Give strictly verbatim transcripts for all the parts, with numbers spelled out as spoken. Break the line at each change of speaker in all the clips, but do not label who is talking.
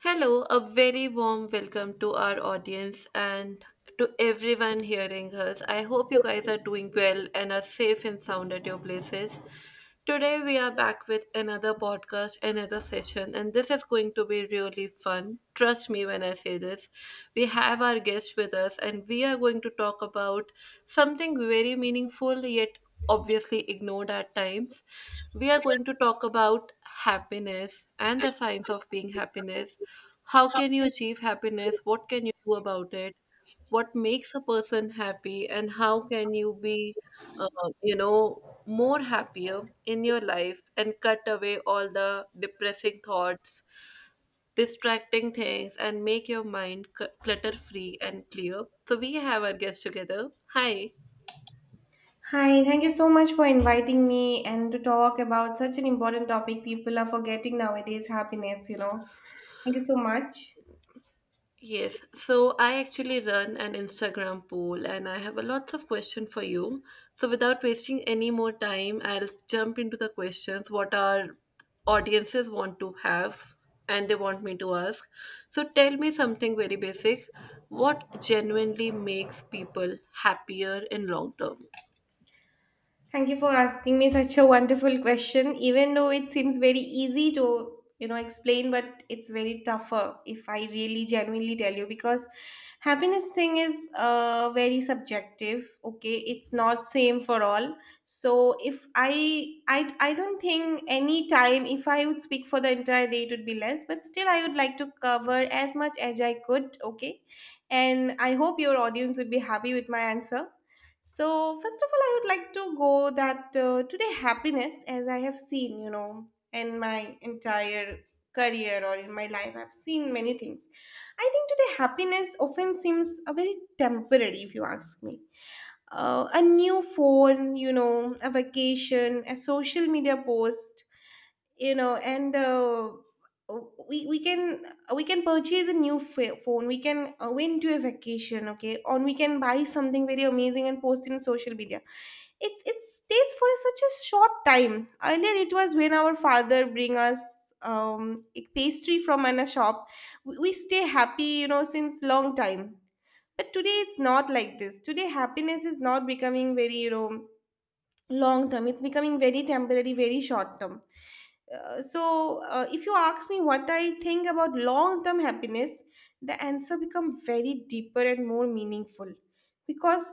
Hello, a very warm welcome to our audience and to everyone hearing us. I hope you guys are doing well and are safe and sound at your places. Today, we are back with another podcast, another session, and this is going to be really fun. Trust me when I say this. We have our guest with us, and we are going to talk about something very meaningful yet obviously ignored at times. We are going to talk about happiness and the science of being happiness. How can you achieve happiness? What can you do about it? What makes a person happy? And how can you be uh, you know more happier in your life, and cut away all the depressing thoughts, distracting things, and make your mind clutter free and clear. So we have our guest together. Hi.
Hi, thank you so much for inviting me and to talk about such an important topic people are forgetting nowadays, happiness, you know. Thank you so much.
Yes, so I actually run an Instagram poll and I have a lots of question for you. So without wasting any more time, I'll jump into the questions what our audiences want to have and they want me to ask. So tell me something very basic. What genuinely makes people happier in long term?
Thank you for asking me such a wonderful question. Even though it seems very easy to, you know, explain, but it's very tougher if I really genuinely tell you, because happiness thing is uh, very subjective. Okay, it's not same for all. So if I, I, I don't think any time if I would speak for the entire day it would be less. But still, I would like to cover as much as I could. Okay, and I hope your audience would be happy with my answer. So, first of all, I would like to go that uh, today happiness, as I have seen, you know, in my entire career or in my life, I've seen many things. I think today happiness often seems a very temporary, if you ask me. Uh, a new phone, you know, a vacation, a social media post, you know, and uh, we we can we can purchase a new fa- phone, we can uh, win to a vacation, okay, or we can buy something very amazing and post in social media. It it stays for such a short time. Earlier it was when our father bring us um a pastry from an- a shop, we, we stay happy, you know, since long time. But today it's not like this. Today happiness is not becoming very, you know, long term. It's becoming very temporary, very short term. Uh, so uh, if you ask me what I think about long term happiness, the answer become very deeper and more meaningful, because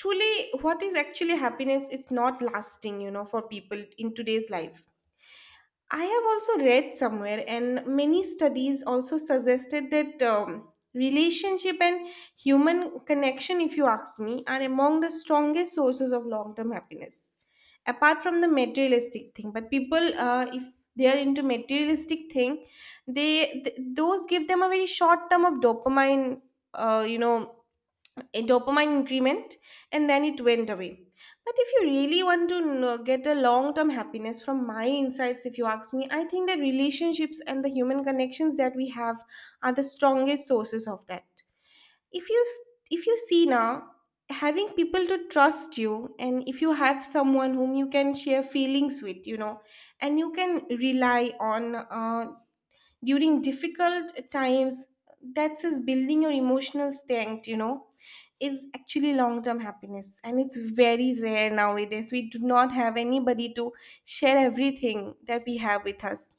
truly, what is actually happiness? It's not lasting, you know, for people in today's life. I have also read somewhere, and many studies also suggested that um, relationship and human connection, if you ask me, are among the strongest sources of long term happiness. Apart from the materialistic thing, but people, uh, if they are into materialistic thing, they th- those give them a very short term of dopamine, uh, you know, a dopamine increment, and then it went away. But if you really want to know, get a long term happiness, from my insights, if you ask me, I think that relationships and the human connections that we have are the strongest sources of that. if you s- if you see now, having people to trust you, and if you have someone whom you can share feelings with, you know, and you can rely on uh, during difficult times, that's is building your emotional strength, you know, is actually long term happiness. And it's very rare nowadays, we do not have anybody to share everything that we have with us.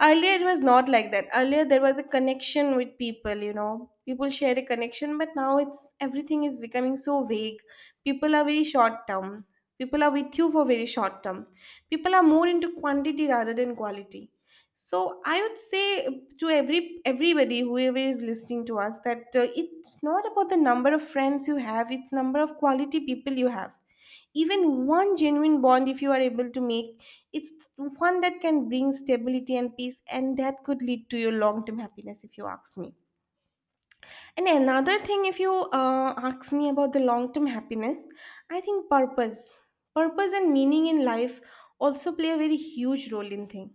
Earlier it was not like that. Earlier there was a connection with people, you know, people share a connection, but now it's everything is becoming so vague. People are very short term. People are with you for very short term. People are more into quantity rather than quality. So I would say to every everybody whoever is listening to us that uh, it's not about the number of friends you have, it's number of quality people you have. Even one genuine bond, if you are able to make, it's one that can bring stability and peace, and that could lead to your long term happiness, if you ask me. And another thing, if you uh, ask me about the long term happiness, I think purpose, purpose and meaning in life also play a very huge role in thing.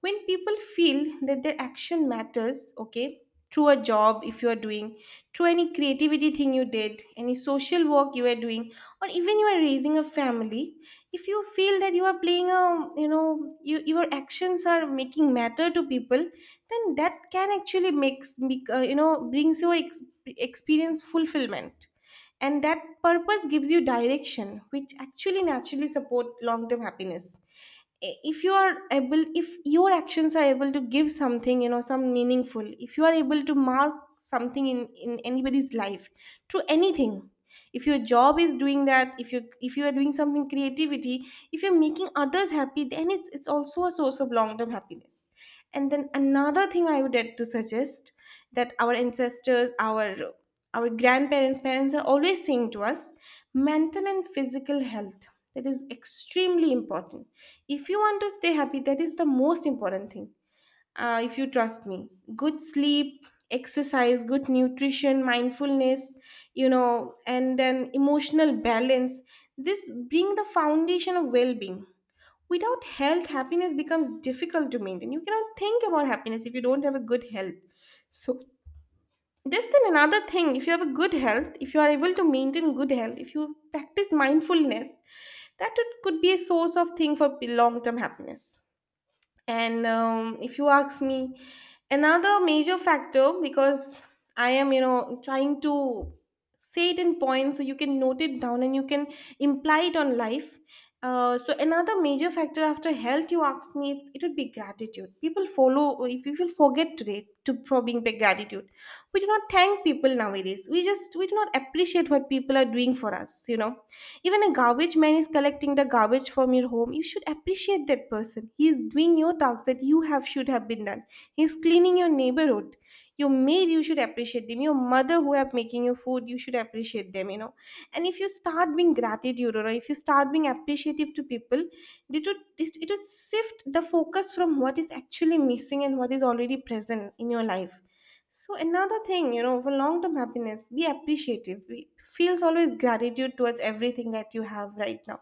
When people feel that their action matters, okay, through a job if you are doing, through any creativity thing you did, any social work you are doing, or even you are raising a family, if you feel that you are playing a, you know, you, your actions are making matter to people, then that can actually makes make, uh, you know, brings your ex- experience fulfillment. And that purpose gives you direction, which actually naturally support long term happiness. If you are able, if your actions are able to give something, you know, some meaningful, if you are able to mark something in in anybody's life, to anything, if your job is doing that, if you if you are doing something creativity, if you're making others happy, then it's it's also a source of long term happiness. And then another thing I would like to suggest, that our ancestors, our our grandparents, parents are always saying to us, mental and physical health, that is extremely important. If you want to stay happy, that is the most important thing. uh, if you trust me, good sleep, exercise, good nutrition, mindfulness, you know, and then emotional balance, this being the foundation of well-being. Without health, happiness becomes difficult to maintain. You cannot think about happiness if you don't have a good health. So this, then another thing, if you have a good health, if you are able to maintain good health, if you practice mindfulness, that it could be a source of thing for long term happiness. And um, if you ask me another major factor, because I am, you know, trying to say it in points, so you can note it down and you can imply it on life. Uh, so another major factor after health, you ask me, it, it would be gratitude. People follow, if people forget today to for being big gratitude, we do not thank people nowadays, we just, we do not appreciate what people are doing for us, you know. Even a garbage man is collecting the garbage from your home. You should appreciate that person. He is doing your tasks that you have should have been done. He is cleaning your neighborhood. Your maid, you should appreciate them. Your mother who are making your food, you should appreciate them, you know. And if you start being gratitude, or if you start being appreciative to people, it would, it would shift the focus from what is actually missing and what is already present in your life. So another thing, you know, for long-term happiness, be appreciative. Be, feels always gratitude towards everything that you have right now.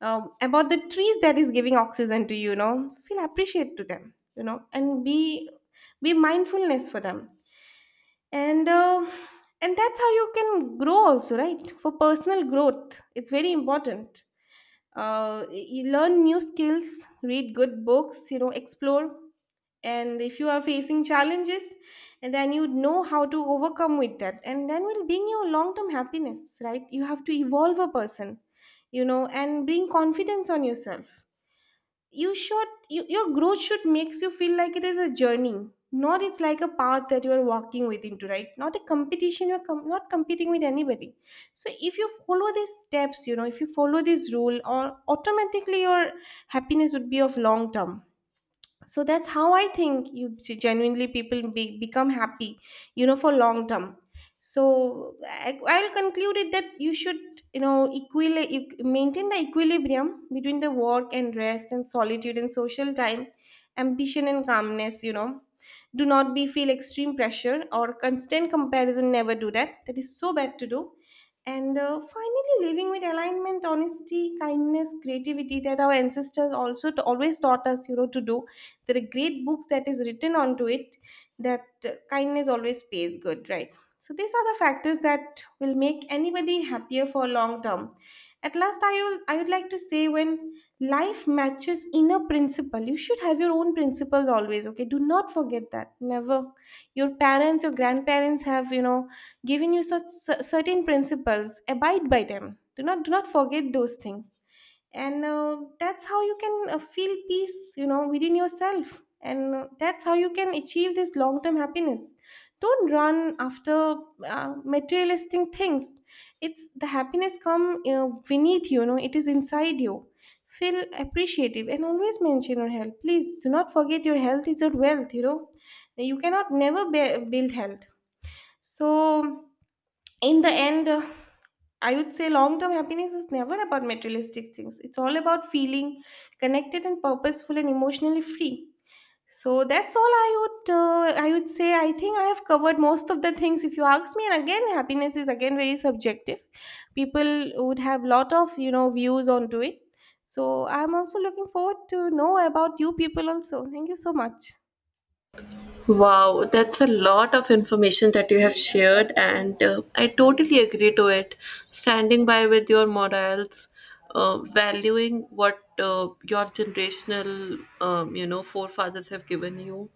Um, about the trees that is giving oxygen to you, you know, feel appreciate to them, you know, and be be mindfulness for them. And uh, and that's how you can grow also, right? For personal growth, it's very important. uh, you learn new skills, read good books, you know, explore. And if you are facing challenges, and then you know how to overcome with that, and then will bring you long term happiness, right? You have to evolve a person, you know, and bring confidence on yourself. You should, you, your growth should makes you feel like it is a journey, not it's like a path that you are walking with into, right? Not a competition, you're com- not competing with anybody. So if you follow these steps, you know, if you follow this rule or automatically, your happiness would be of long term. So that's how I think, you see, genuinely people be, become happy, you know, for long term. So I, I'll conclude it that you should, you know, equili- equ- maintain the equilibrium between the work and rest and solitude and social time, ambition and calmness, you know. Do not be feel extreme pressure or constant comparison, never do that, that is so bad to do. And uh, finally, living with alignment, honesty, kindness, creativity, that our ancestors also t- always taught us, you know, to do. There are great books that is written onto it, that uh, kindness always pays good, right? So these are the factors that will make anybody happier for long term. At last, i will I would like to say, when life matches inner principle, you should have your own principles always, okay? Do not forget that, never. Your parents or grandparents have, you know, given you such cer- certain principles, abide by them. do not do not forget those things. And uh, that's how you can uh, feel peace, you know, within yourself. And uh, that's how you can achieve this long term happiness. Don't run after uh, materialistic things. It's the happiness come uh, beneath you, you know, it is inside you. Feel appreciative, and always mention your health. Please do not forget, your health is your wealth, you know. You cannot never be- build health. So in the end, uh, I would say long term happiness is never about materialistic things. It's all about feeling connected and purposeful and emotionally free. So that's all I would, uh, I would say. I think I have covered most of the things, if you ask me. And again, happiness is again very subjective. People would have lot of, you know, views onto it. So I'm also looking forward to know about you people also. Thank you so much.
Wow, that's a lot of information that you have shared, and uh, I totally agree to it. Standing by with your morals, uh, valuing what uh, your generational, um, you know, forefathers have given you,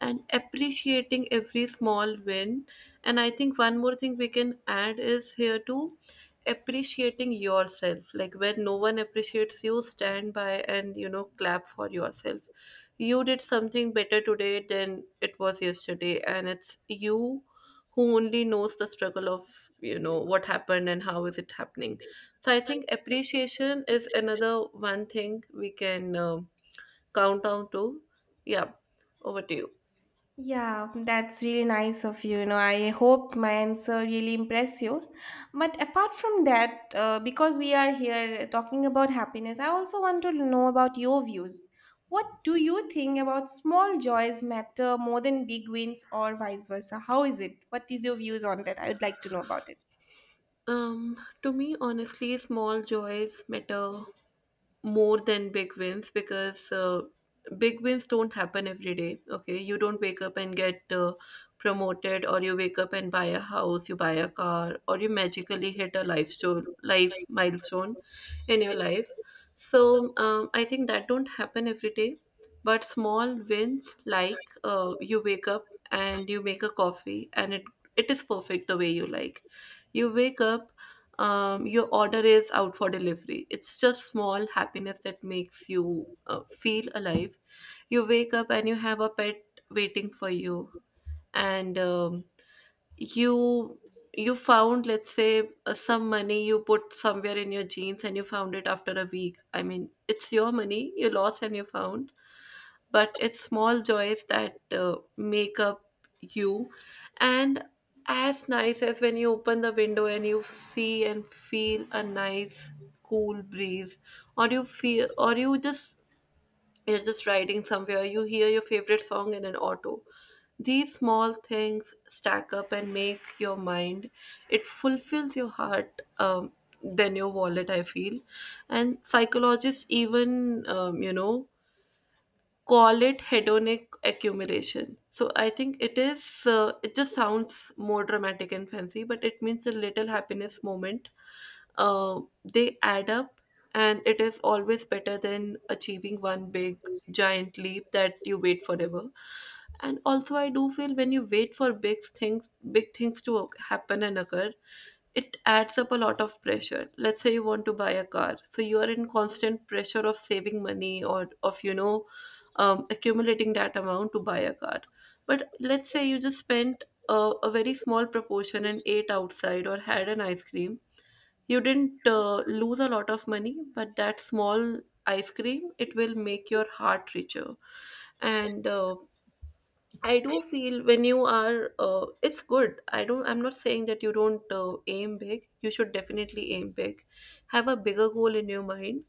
and appreciating every small win. And I think one more thing we can add is here too: appreciating yourself. Like, when no one appreciates you, stand by and you know clap for yourself. You did something better today than it was yesterday, and it's you who only knows the struggle of you know what happened and how is it happening. So I think appreciation is another one thing we can um count down to. Yeah. Over to you.
Yeah, That's really nice of you. You know, I hope my answer really impress you. But apart from that, uh, because we are here talking about happiness, I also want to know about your views. What do you think about small joys matter more than big wins or vice versa? How is it? What is your views on that? I would like to know about it.
Um to me, honestly, small joys matter more than big wins, because uh, big wins don't happen every day. Okay, you don't wake up and get uh, promoted, or you wake up and buy a house, you buy a car, or you magically hit a life show, life milestone in your life. So um, I think that don't happen every day, but small wins like, uh, you wake up and you make a coffee and it it is perfect the way you like. You wake up, um, your order is out for delivery. It's just small happiness that makes you uh, feel alive. You wake up and you have a pet waiting for you, and um, you you found, let's say, uh, some money you put somewhere in your jeans, and you found it after a week. I mean, it's your money, you lost and you found. But it's small joys that uh, make up you. And as nice as when you open the window and you see and feel a nice cool breeze. Or you feel, or you just you're just riding somewhere, you hear your favorite song in an auto. These small things stack up and make your mind. It fulfills your heart um, than your wallet, I feel. And psychologists even, um, you know call it hedonic accumulation. So I think it is, uh, it just sounds more dramatic and fancy, but it means a little happiness moment. Uh, they add up, and it is always better than achieving one big giant leap that you wait forever. And also, I do feel when you wait for big things, big things to oc- happen and occur, it adds up a lot of pressure. Let's say you want to buy a car, so you are in constant pressure of saving money, or of you know um, accumulating that amount to buy a car. But let's say you just spent a, a very small proportion and ate outside or had an ice cream. You didn't uh, lose a lot of money, but that small ice cream, it will make your heart richer. And uh, I do feel when you are, uh, it's good, I don't, I'm not saying that you don't uh, aim big. You should definitely aim big. Have a bigger goal in your mind.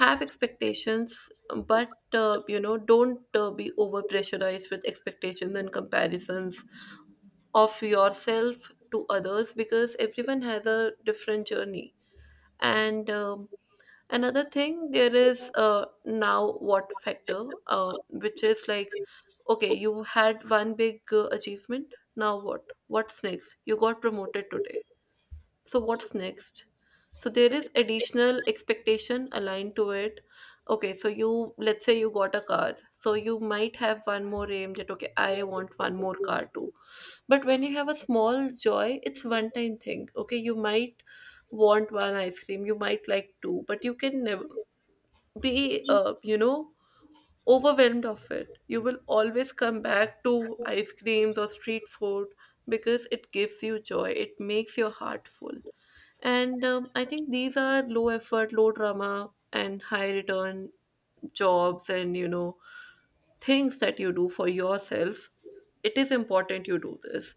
Have expectations. But uh, you know don't uh, be over pressurized with expectations and comparisons of yourself to others, because everyone has a different journey. And, um, another thing there is, uh, now what factor, uh, which is like, okay, you had one big uh, achievement, now what, what's next? You got promoted today, so what's next? So there is additional expectation aligned to it. Okay, so you, let's say you got a car, so you might have one more aim, that okay, I want one more car too. But when you have a small joy, it's one time thing. Okay, you might want one ice cream, you might like two, but you can never be uh, you know overwhelmed of it. You will always come back to ice creams or street food, because it gives you joy, it makes your heart full. And, um, I think these are low effort, low drama, and high return jobs and, you know, things that you do for yourself. It is important you do this.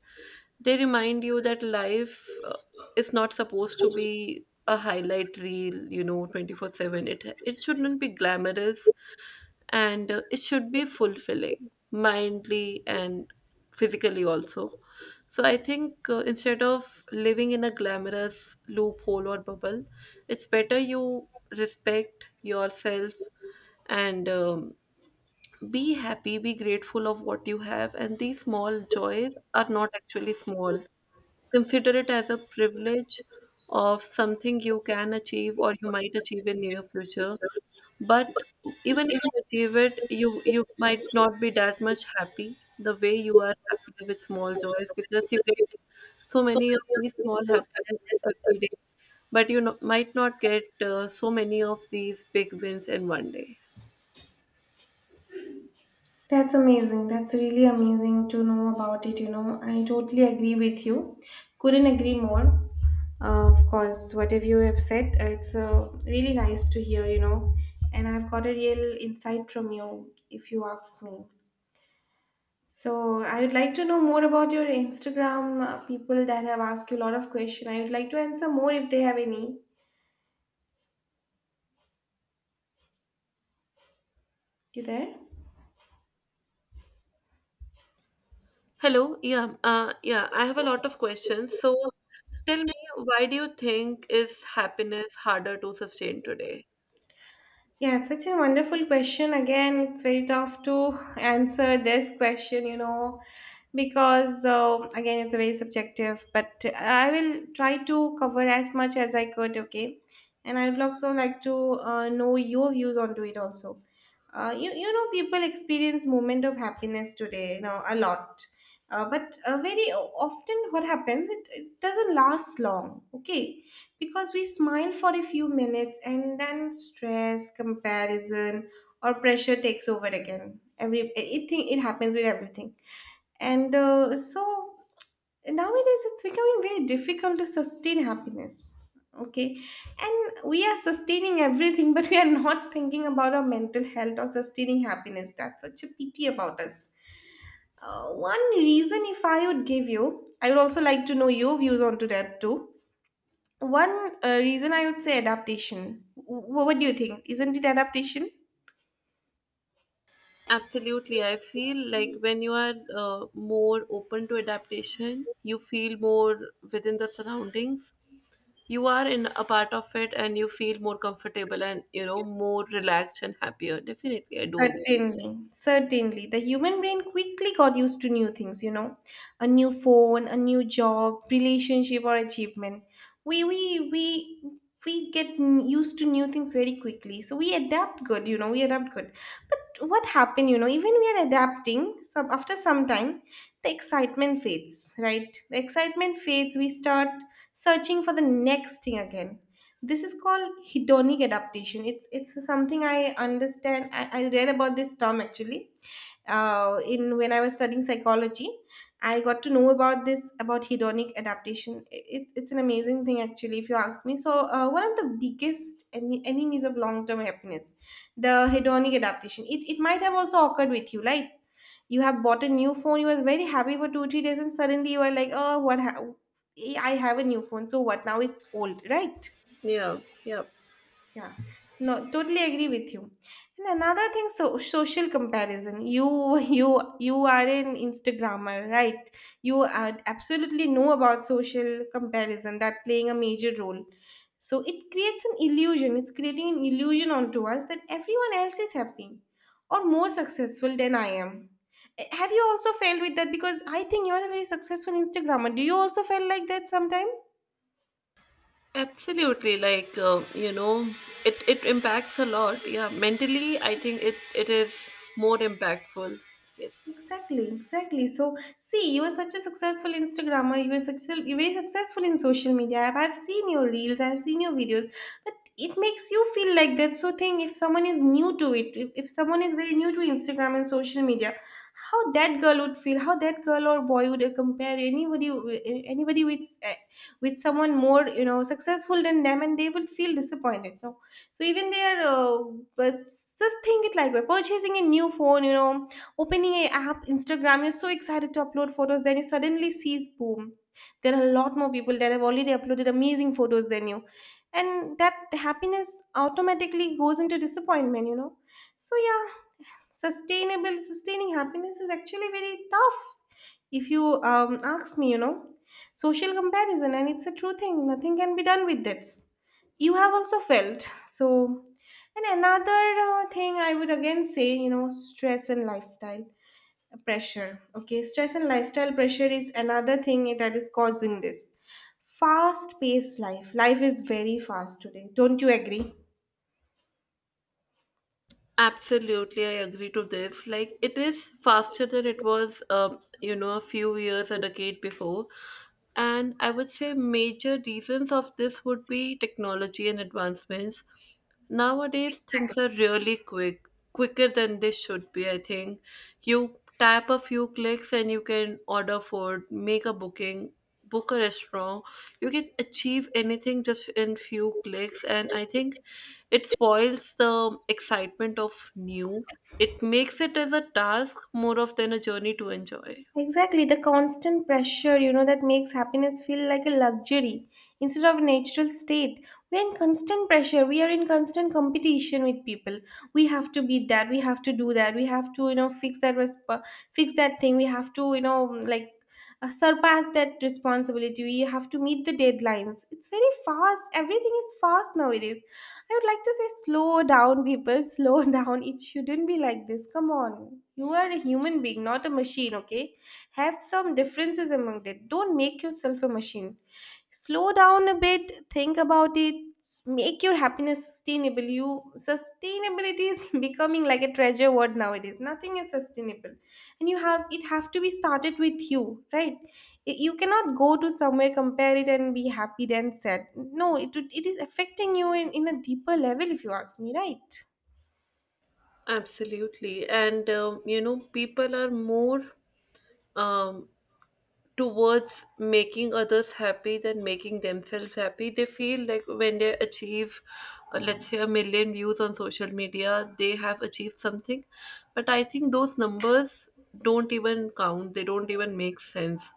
They remind you that life uh, is not supposed to be a highlight reel, you know, twenty four seven. It, it shouldn't be glamorous, and uh, it should be fulfilling mindly and physically also. So I think, uh, instead of living in a glamorous loophole or bubble, it's better you respect yourself. And, um, be happy, be grateful of what you have, and these small joys are not actually small. Consider it as a privilege of something you can achieve or you might achieve in near future. But even if you achieve it, you you might not be that much happy the way you are happy with small joys, because you get so many of these small happiness every day. But you know, might not get uh, so many of these big wins in one day.
That's amazing. That's really amazing to know about it. You know, I totally agree with you. Couldn't agree more. Uh, of course, whatever you have said, uh, it's uh, really nice to hear, you know, and I've got a real insight from you if you ask me. So, I would like to know more about your Instagram uh, people that have asked you a lot of questions. I would like to answer more if they have any. You there?
Hello. Yeah. Uh, yeah. I have a lot of questions. So tell me, why do you think is happiness harder to sustain today?
Yeah, it's such a wonderful question. Again, it's very tough to answer this question, you know, because uh, again it's a very subjective, but I will try to cover as much as I could. Okay. And I would also like to uh, know your views onto it also. Uh, you, you know people experience moment of happiness today, you know, a lot. Uh, but uh, very often what happens, it, it doesn't last long. Okay. Because we smile for a few minutes and then stress, comparison or pressure takes over again. Every it, it, it happens with everything. And uh, so nowadays it's becoming very difficult to sustain happiness. Okay. And we are sustaining everything, but we are not thinking about our mental health or sustaining happiness. That's such a pity about us. Uh, one reason, if I would give you, I would also like to know your views onto that too. One uh, reason I would say adaptation. W- what do you think? Isn't it adaptation?
Absolutely. I feel like when you are uh, more open to adaptation, you feel more within the surroundings. You are in a part of it and you feel more comfortable and, you know, more relaxed and happier. Definitely, I do agree.
Certainly, certainly. The human brain quickly got used to new things, you know, a new phone, a new job, relationship, or achievement. We we we we get n- used to new things very quickly, so we adapt good, you know, we adapt good. But what happened, you know, even we are adapting, some after some time, the excitement fades, right? The excitement fades. We start searching for the next thing again. This is called hedonic adaptation. It's it's something I understand. I, I read about this term actually uh, in when I was studying psychology. I got to know about this, about hedonic adaptation. It's it's an amazing thing actually, if you ask me. So uh, one of the biggest ene- enemies of long term happiness, the hedonic adaptation. It it might have also occurred with you, like you have bought a new phone. You were very happy for two three days, and suddenly you are like, oh, what? Ha- I have a new phone, so what? Now it's old, right?
Yeah, yeah.
Yeah, no, totally agree with you. And another thing, so social comparison. You, you, you are an Instagrammer, right? You are absolutely know about social comparison that playing a major role. So it creates an illusion. It's creating an illusion onto us that everyone else is happy or more successful than I am. Eh, Have you also felt with that? Because I think you are a very successful Instagrammer. Do you also feel like that sometimes?
Absolutely. Like, uh, you know, it, it impacts a lot. Yeah. Mentally, I think it, it is more impactful. Yes.
Exactly, exactly. So, see, you are such a successful Instagrammer. You are successful. You're very successful in social media. I've, I've seen your reels. I've seen your videos. But it makes you feel like that. So, thing if someone is new to it, if, if someone is very new to Instagram and social media, how that girl would feel, how that girl or boy would uh, compare anybody, wi- anybody with uh, with someone more, you know, successful than them, and they will feel disappointed. No, so even they are uh, just think it like we're purchasing a new phone, you know. Opening a app, Instagram, you're so excited to upload photos, then you suddenly sees boom. There are a lot more people that have already uploaded amazing photos than you. And that happiness automatically goes into disappointment, you know. So yeah, sustainable sustaining happiness is actually very tough if you um, ask me, you know. Social comparison, and it's a true thing, nothing can be done with this. You have also felt so. And another uh, thing I would again say, you know, stress and lifestyle pressure. Okay, stress and lifestyle pressure is another thing that is causing this fast paced life. Life is very fast today, don't you agree?
Absolutely, I agree to this. Like, it is faster than it was, um, you know, a few years, a decade before. And I would say major reasons of this would be technology and advancements. Nowadays, things are really quick, quicker than they should be, I think. You tap a few clicks and you can order food, make a booking, book a restaurant. You can achieve anything just in few clicks, and I think it spoils the excitement of new. It makes it as a task more of than a journey to enjoy.
Exactly, the constant pressure, you know, that makes happiness feel like a luxury instead of a natural state. We are in constant pressure, we are in constant competition with people. We have to beat that, we have to do that, we have to, you know, fix that resp- fix that thing. We have to, you know, like uh, surpass that responsibility. We have to meet the deadlines. It's very fast. Everything is fast nowadays. I would like to say, slow down, people. Slow down. It shouldn't be like this. Come on. You are a human being, not a machine, okay? Have some differences among that. Don't make yourself a machine. Slow down a bit. Think about it. s- Make your happiness sustainable. You, sustainability is becoming like a treasure word nowadays. Nothing is sustainable, and you have it have to be started with you, right? Y- you cannot go to somewhere, compare it and be happy then sad. No, it would- it is affecting you in, in a deeper level if you ask me, right?
Absolutely. And, um, you know, people are more um, towards making others happy than making themselves happy. They feel like when they achieve, uh, let's say, a million views on social media, they have achieved something. But I think those numbers don't even count, they don't even make sense.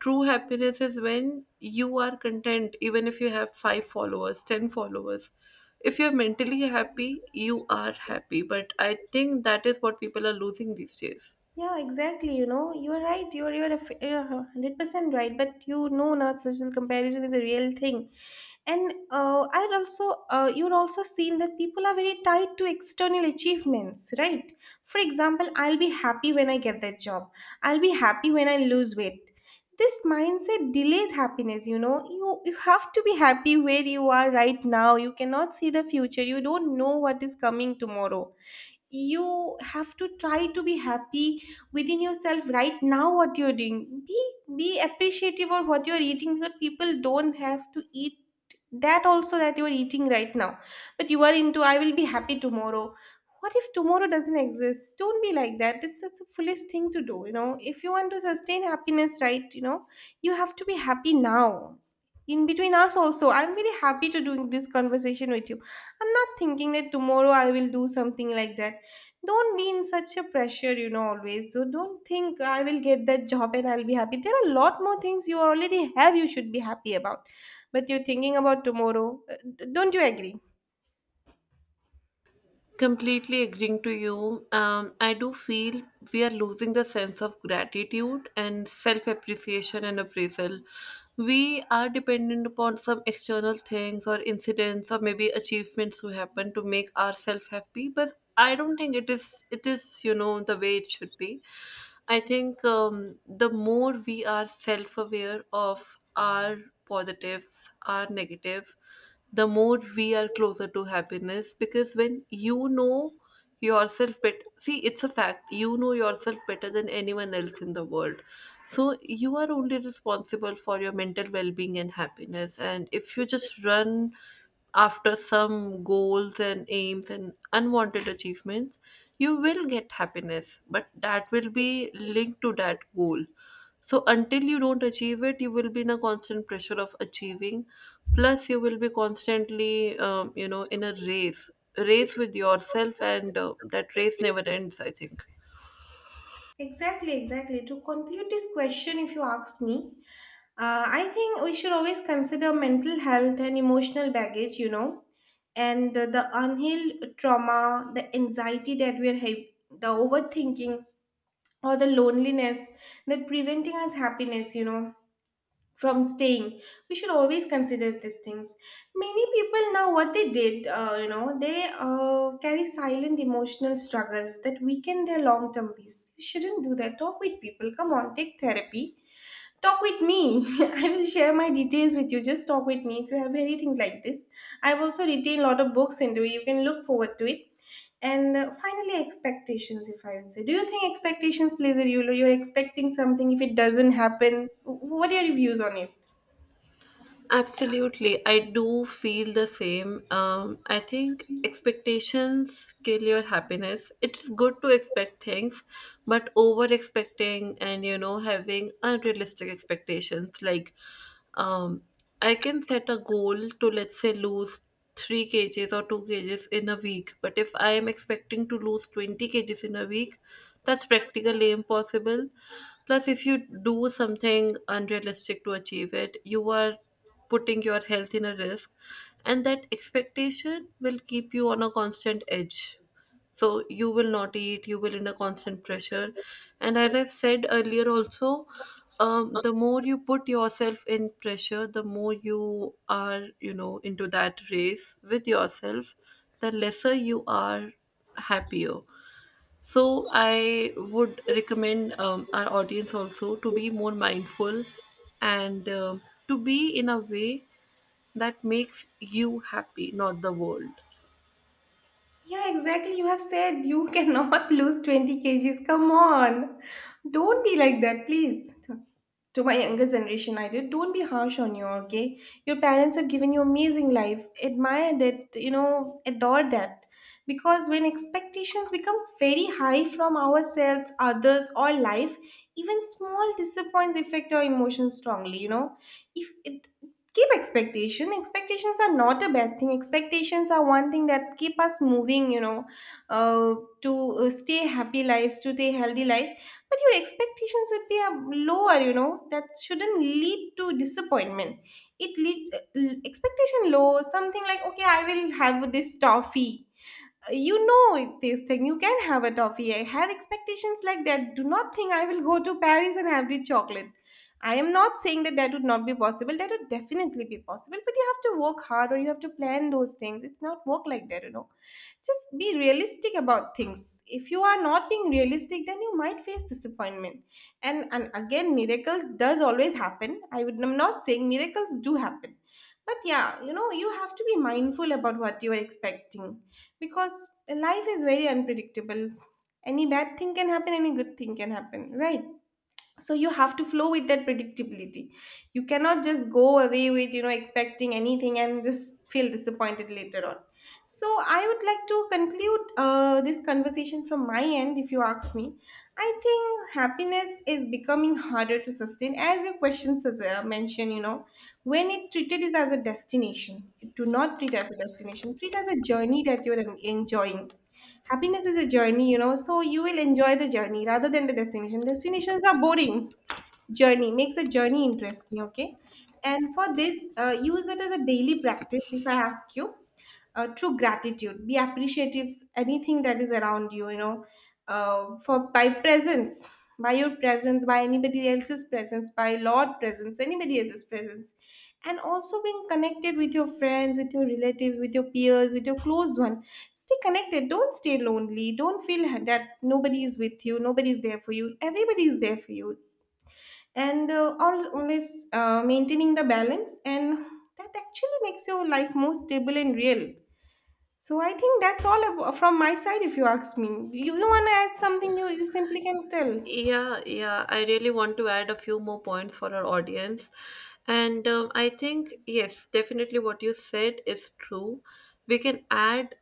True happiness is when you are content, even if you have five followers, ten followers. If you're mentally happy, you are happy. But I think that is what people are losing these days.
Yeah, exactly. You know, you're right. You're you're a f- you're a hundred percent right. But you know, not social comparison is a real thing, and uh, I'd also uh, you'd also seen that people are very tied to external achievements, right? For example, I'll be happy when I get that job. I'll be happy when I lose weight. This mindset delays happiness. You know, you you have to be happy where you are right now. You cannot see the future. You don't know what is coming tomorrow. You have to try to be happy within yourself right now. What you're doing, be be appreciative of what you're eating, because people don't have to eat that also that you're eating right now. But you are into I will be happy tomorrow. What if tomorrow doesn't exist? Don't be like that. It's such a foolish thing to do, you know. If you want to sustain happiness, right, you know, you have to be happy now. In between us also, I'm very happy to doing this conversation with you. I'm not thinking that tomorrow I will do something like that. Don't be in such a pressure, you know, always. So don't think I will get that job and I'll be happy. There are a lot more things you already have, you should be happy about. But you're thinking about tomorrow. Uh, d- Don't you agree?
Completely agreeing to you. Um, I do feel we are losing the sense of gratitude and self appreciation and appraisal. We are dependent upon some external things or incidents or maybe achievements to happen to make ourselves happy. But I don't think it is it is you know the way it should be. I think, um, the more we are self aware of our positives, our negative, the more we are closer to happiness, because when you know yourself better, see, it's a fact, you know yourself better than anyone else in the world. So you are only responsible for your mental well-being and happiness, and if you just run after some goals and aims and unwanted achievements, you will get happiness, but that will be linked to that goal. So until you don't achieve it, you will be in a constant pressure of achieving. Plus, you will be constantly, um, you know, in a race, race with yourself, and uh, that race never ends, I think.
Exactly, exactly. To conclude this question, if you ask me, uh, I think we should always consider mental health and emotional baggage, you know, and uh, the unhealed trauma, the anxiety that we're having, the overthinking, or the loneliness that preventing us happiness, you know, from staying. We should always consider these things. Many people now, what they did, uh, you know, they uh, carry silent emotional struggles that weaken their long term peace. We shouldn't do that. Talk with people, come on. Take therapy. Talk with me. I will share my details with you. Just talk with me if you have anything like this. I've also written a lot of books into it, you can look forward to it. And uh, finally, expectations. If I would say, do you think expectations plays a role? You're expecting something, if it doesn't happen, what are your views on it?
Absolutely. I do feel the same. Um, I think expectations kill your happiness. It's good to expect things, but over expecting and, you know, having unrealistic expectations. Like, um, I can set a goal to, let's say, lose three kgs or two kgs in a week, but if I am expecting to lose twenty kgs in a week, that's practically impossible. Plus, if you do something unrealistic to achieve it, you are putting your health in a risk, and that expectation will keep you on a constant edge. So you will not eat, you will in a constant pressure. And as I said earlier also, um, the more you put yourself in pressure, the more you are you know into that race with yourself, the lesser you are happier. So I would recommend, um, our audience also to be more mindful, and um to be in a way that makes you happy, not the world.
Yeah, exactly. You have said you cannot lose twenty kgs. Come on. Don't be like that, please. To my younger generation, I did. Don't be harsh on you, okay? Your parents have given you amazing life. Admire that, you know, adore that. Because when expectations becomes very high from ourselves, others, or life, even small disappoints affect our emotions strongly, you know? If keep expectation, expectations are not a bad thing. Expectations are one thing that keep us moving, you know, uh, to uh, stay happy lives, to stay healthy life. But your expectations should be uh, lower, you know, that shouldn't lead to disappointment. It leads uh, l- expectation low, something like, okay, I will have this toffee, you know, this thing. You can have a toffee. I have expectations like that. Do not think I will go to Paris and have the chocolate. I am not saying that that would not be possible. That would definitely be possible, but you have to work hard or you have to plan those things. It's not work like that, you know. Just be realistic about things. If you are not being realistic, then you might face disappointment. And and again, miracles does always happen. i would I'm not saying miracles do happen, but yeah, you know, you have to be mindful about what you are expecting, because life is very unpredictable. Any bad thing can happen, any good thing can happen, right? So you have to flow with that predictability. You cannot just go away with, you know, expecting anything and just feel disappointed later on. So, I would like to conclude uh, this conversation from my end, if you ask me. I think happiness is becoming harder to sustain, as your questions as, uh, mentioned, you know, when it treated is as a destination. Do not treat as a destination, treat as a journey that you're en- enjoying. Happiness is a journey, you know, so you will enjoy the journey rather than the destination. Destinations are boring, journey makes a journey interesting, okay. And for this, uh, use it as a daily practice. If I ask you, uh, true gratitude, be appreciative anything that is around you, you know, uh, for by presence, by your presence, by anybody else's presence, by lord presence, anybody else's presence. And also being connected with your friends, with your relatives, with your peers, with your close one. Stay connected, don't stay lonely. Don't feel that nobody is with you, nobody is there for you. Everybody is there for you. And uh, al- always uh, maintaining the balance, and that actually makes your life more stable and real. So I think that's all ab- from my side. If you ask me, you, you want to add something, you, you simply can tell.
Yeah, yeah. I really want to add a few more points for our audience. And, um, I think, yes, definitely what you said is true. We can add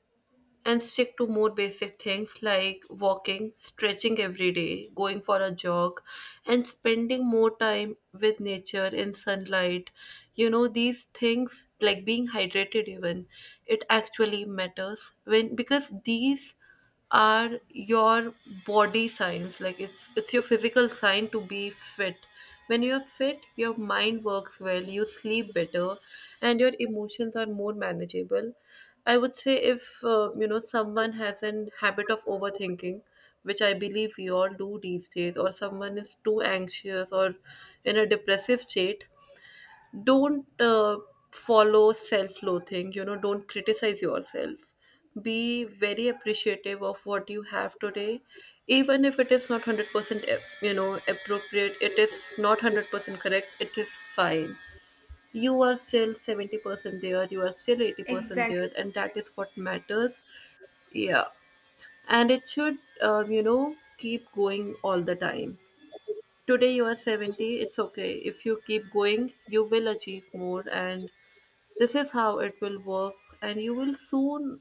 and stick to more basic things like walking, stretching every day, going for a jog, and spending more time with nature in sunlight. You know, these things, like being hydrated, even, it actually matters when, because these are your body signs. Like, it's it's your physical sign to be fit. When you're fit, your mind works well, you sleep better, and your emotions are more manageable. I would say, if uh, you know someone has an habit of overthinking, which I believe we all do these days, or someone is too anxious or in a depressive state, don't uh, follow self-loathing. you know don't criticize yourself. Be very appreciative of what you have today, even if it is not one hundred percent ap- you know appropriate. It is not one hundred percent correct. It is fine. You are still seventy percent there, you are still eighty percent
Exactly.
there, and that is what matters. Yeah. And it should, um, you know keep going all the time. Today you are seventy, it's okay. If you keep going, you will achieve more, and this is how it will work, and you will soon,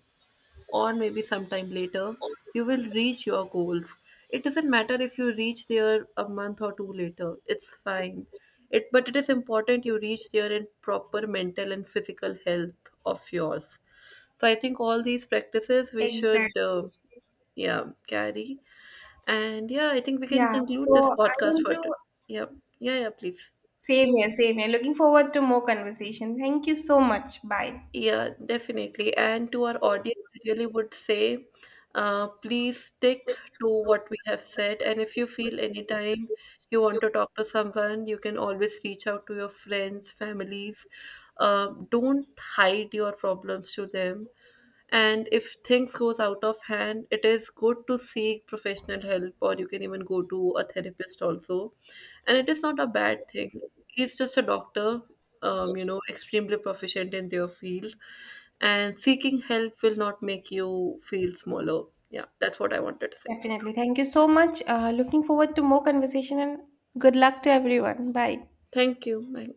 or maybe sometime later, you will reach your goals. It doesn't matter if you reach there a month or two later, it's fine. It, but it is important you reach there in proper mental and physical health of yours. So I think all these practices we should, uh,
Exactly.
yeah, Carrie. And yeah, I think we can
Yeah, so
conclude this
I
podcast
want
for
to,
t- yeah, yeah, yeah, please.
same here, same here. Looking forward to more conversation, thank you so much, bye.
Yeah, definitely. And to our audience, I really would say, uh, please stick to what we have said. And if you feel anytime you want to talk to someone, you can always reach out to your friends, families. Uh, don't hide your problems to them. And if things goes out of hand, it is good to seek professional help, or you can even go to a therapist also. And it is not a bad thing, he's just a doctor, um, you know extremely proficient in their field. And seeking help will not make you feel smaller. Yeah, that's what I wanted to say.
Definitely, thank you so much, uh, looking forward to more conversation, and good luck to everyone, bye.
Thank you. Bye.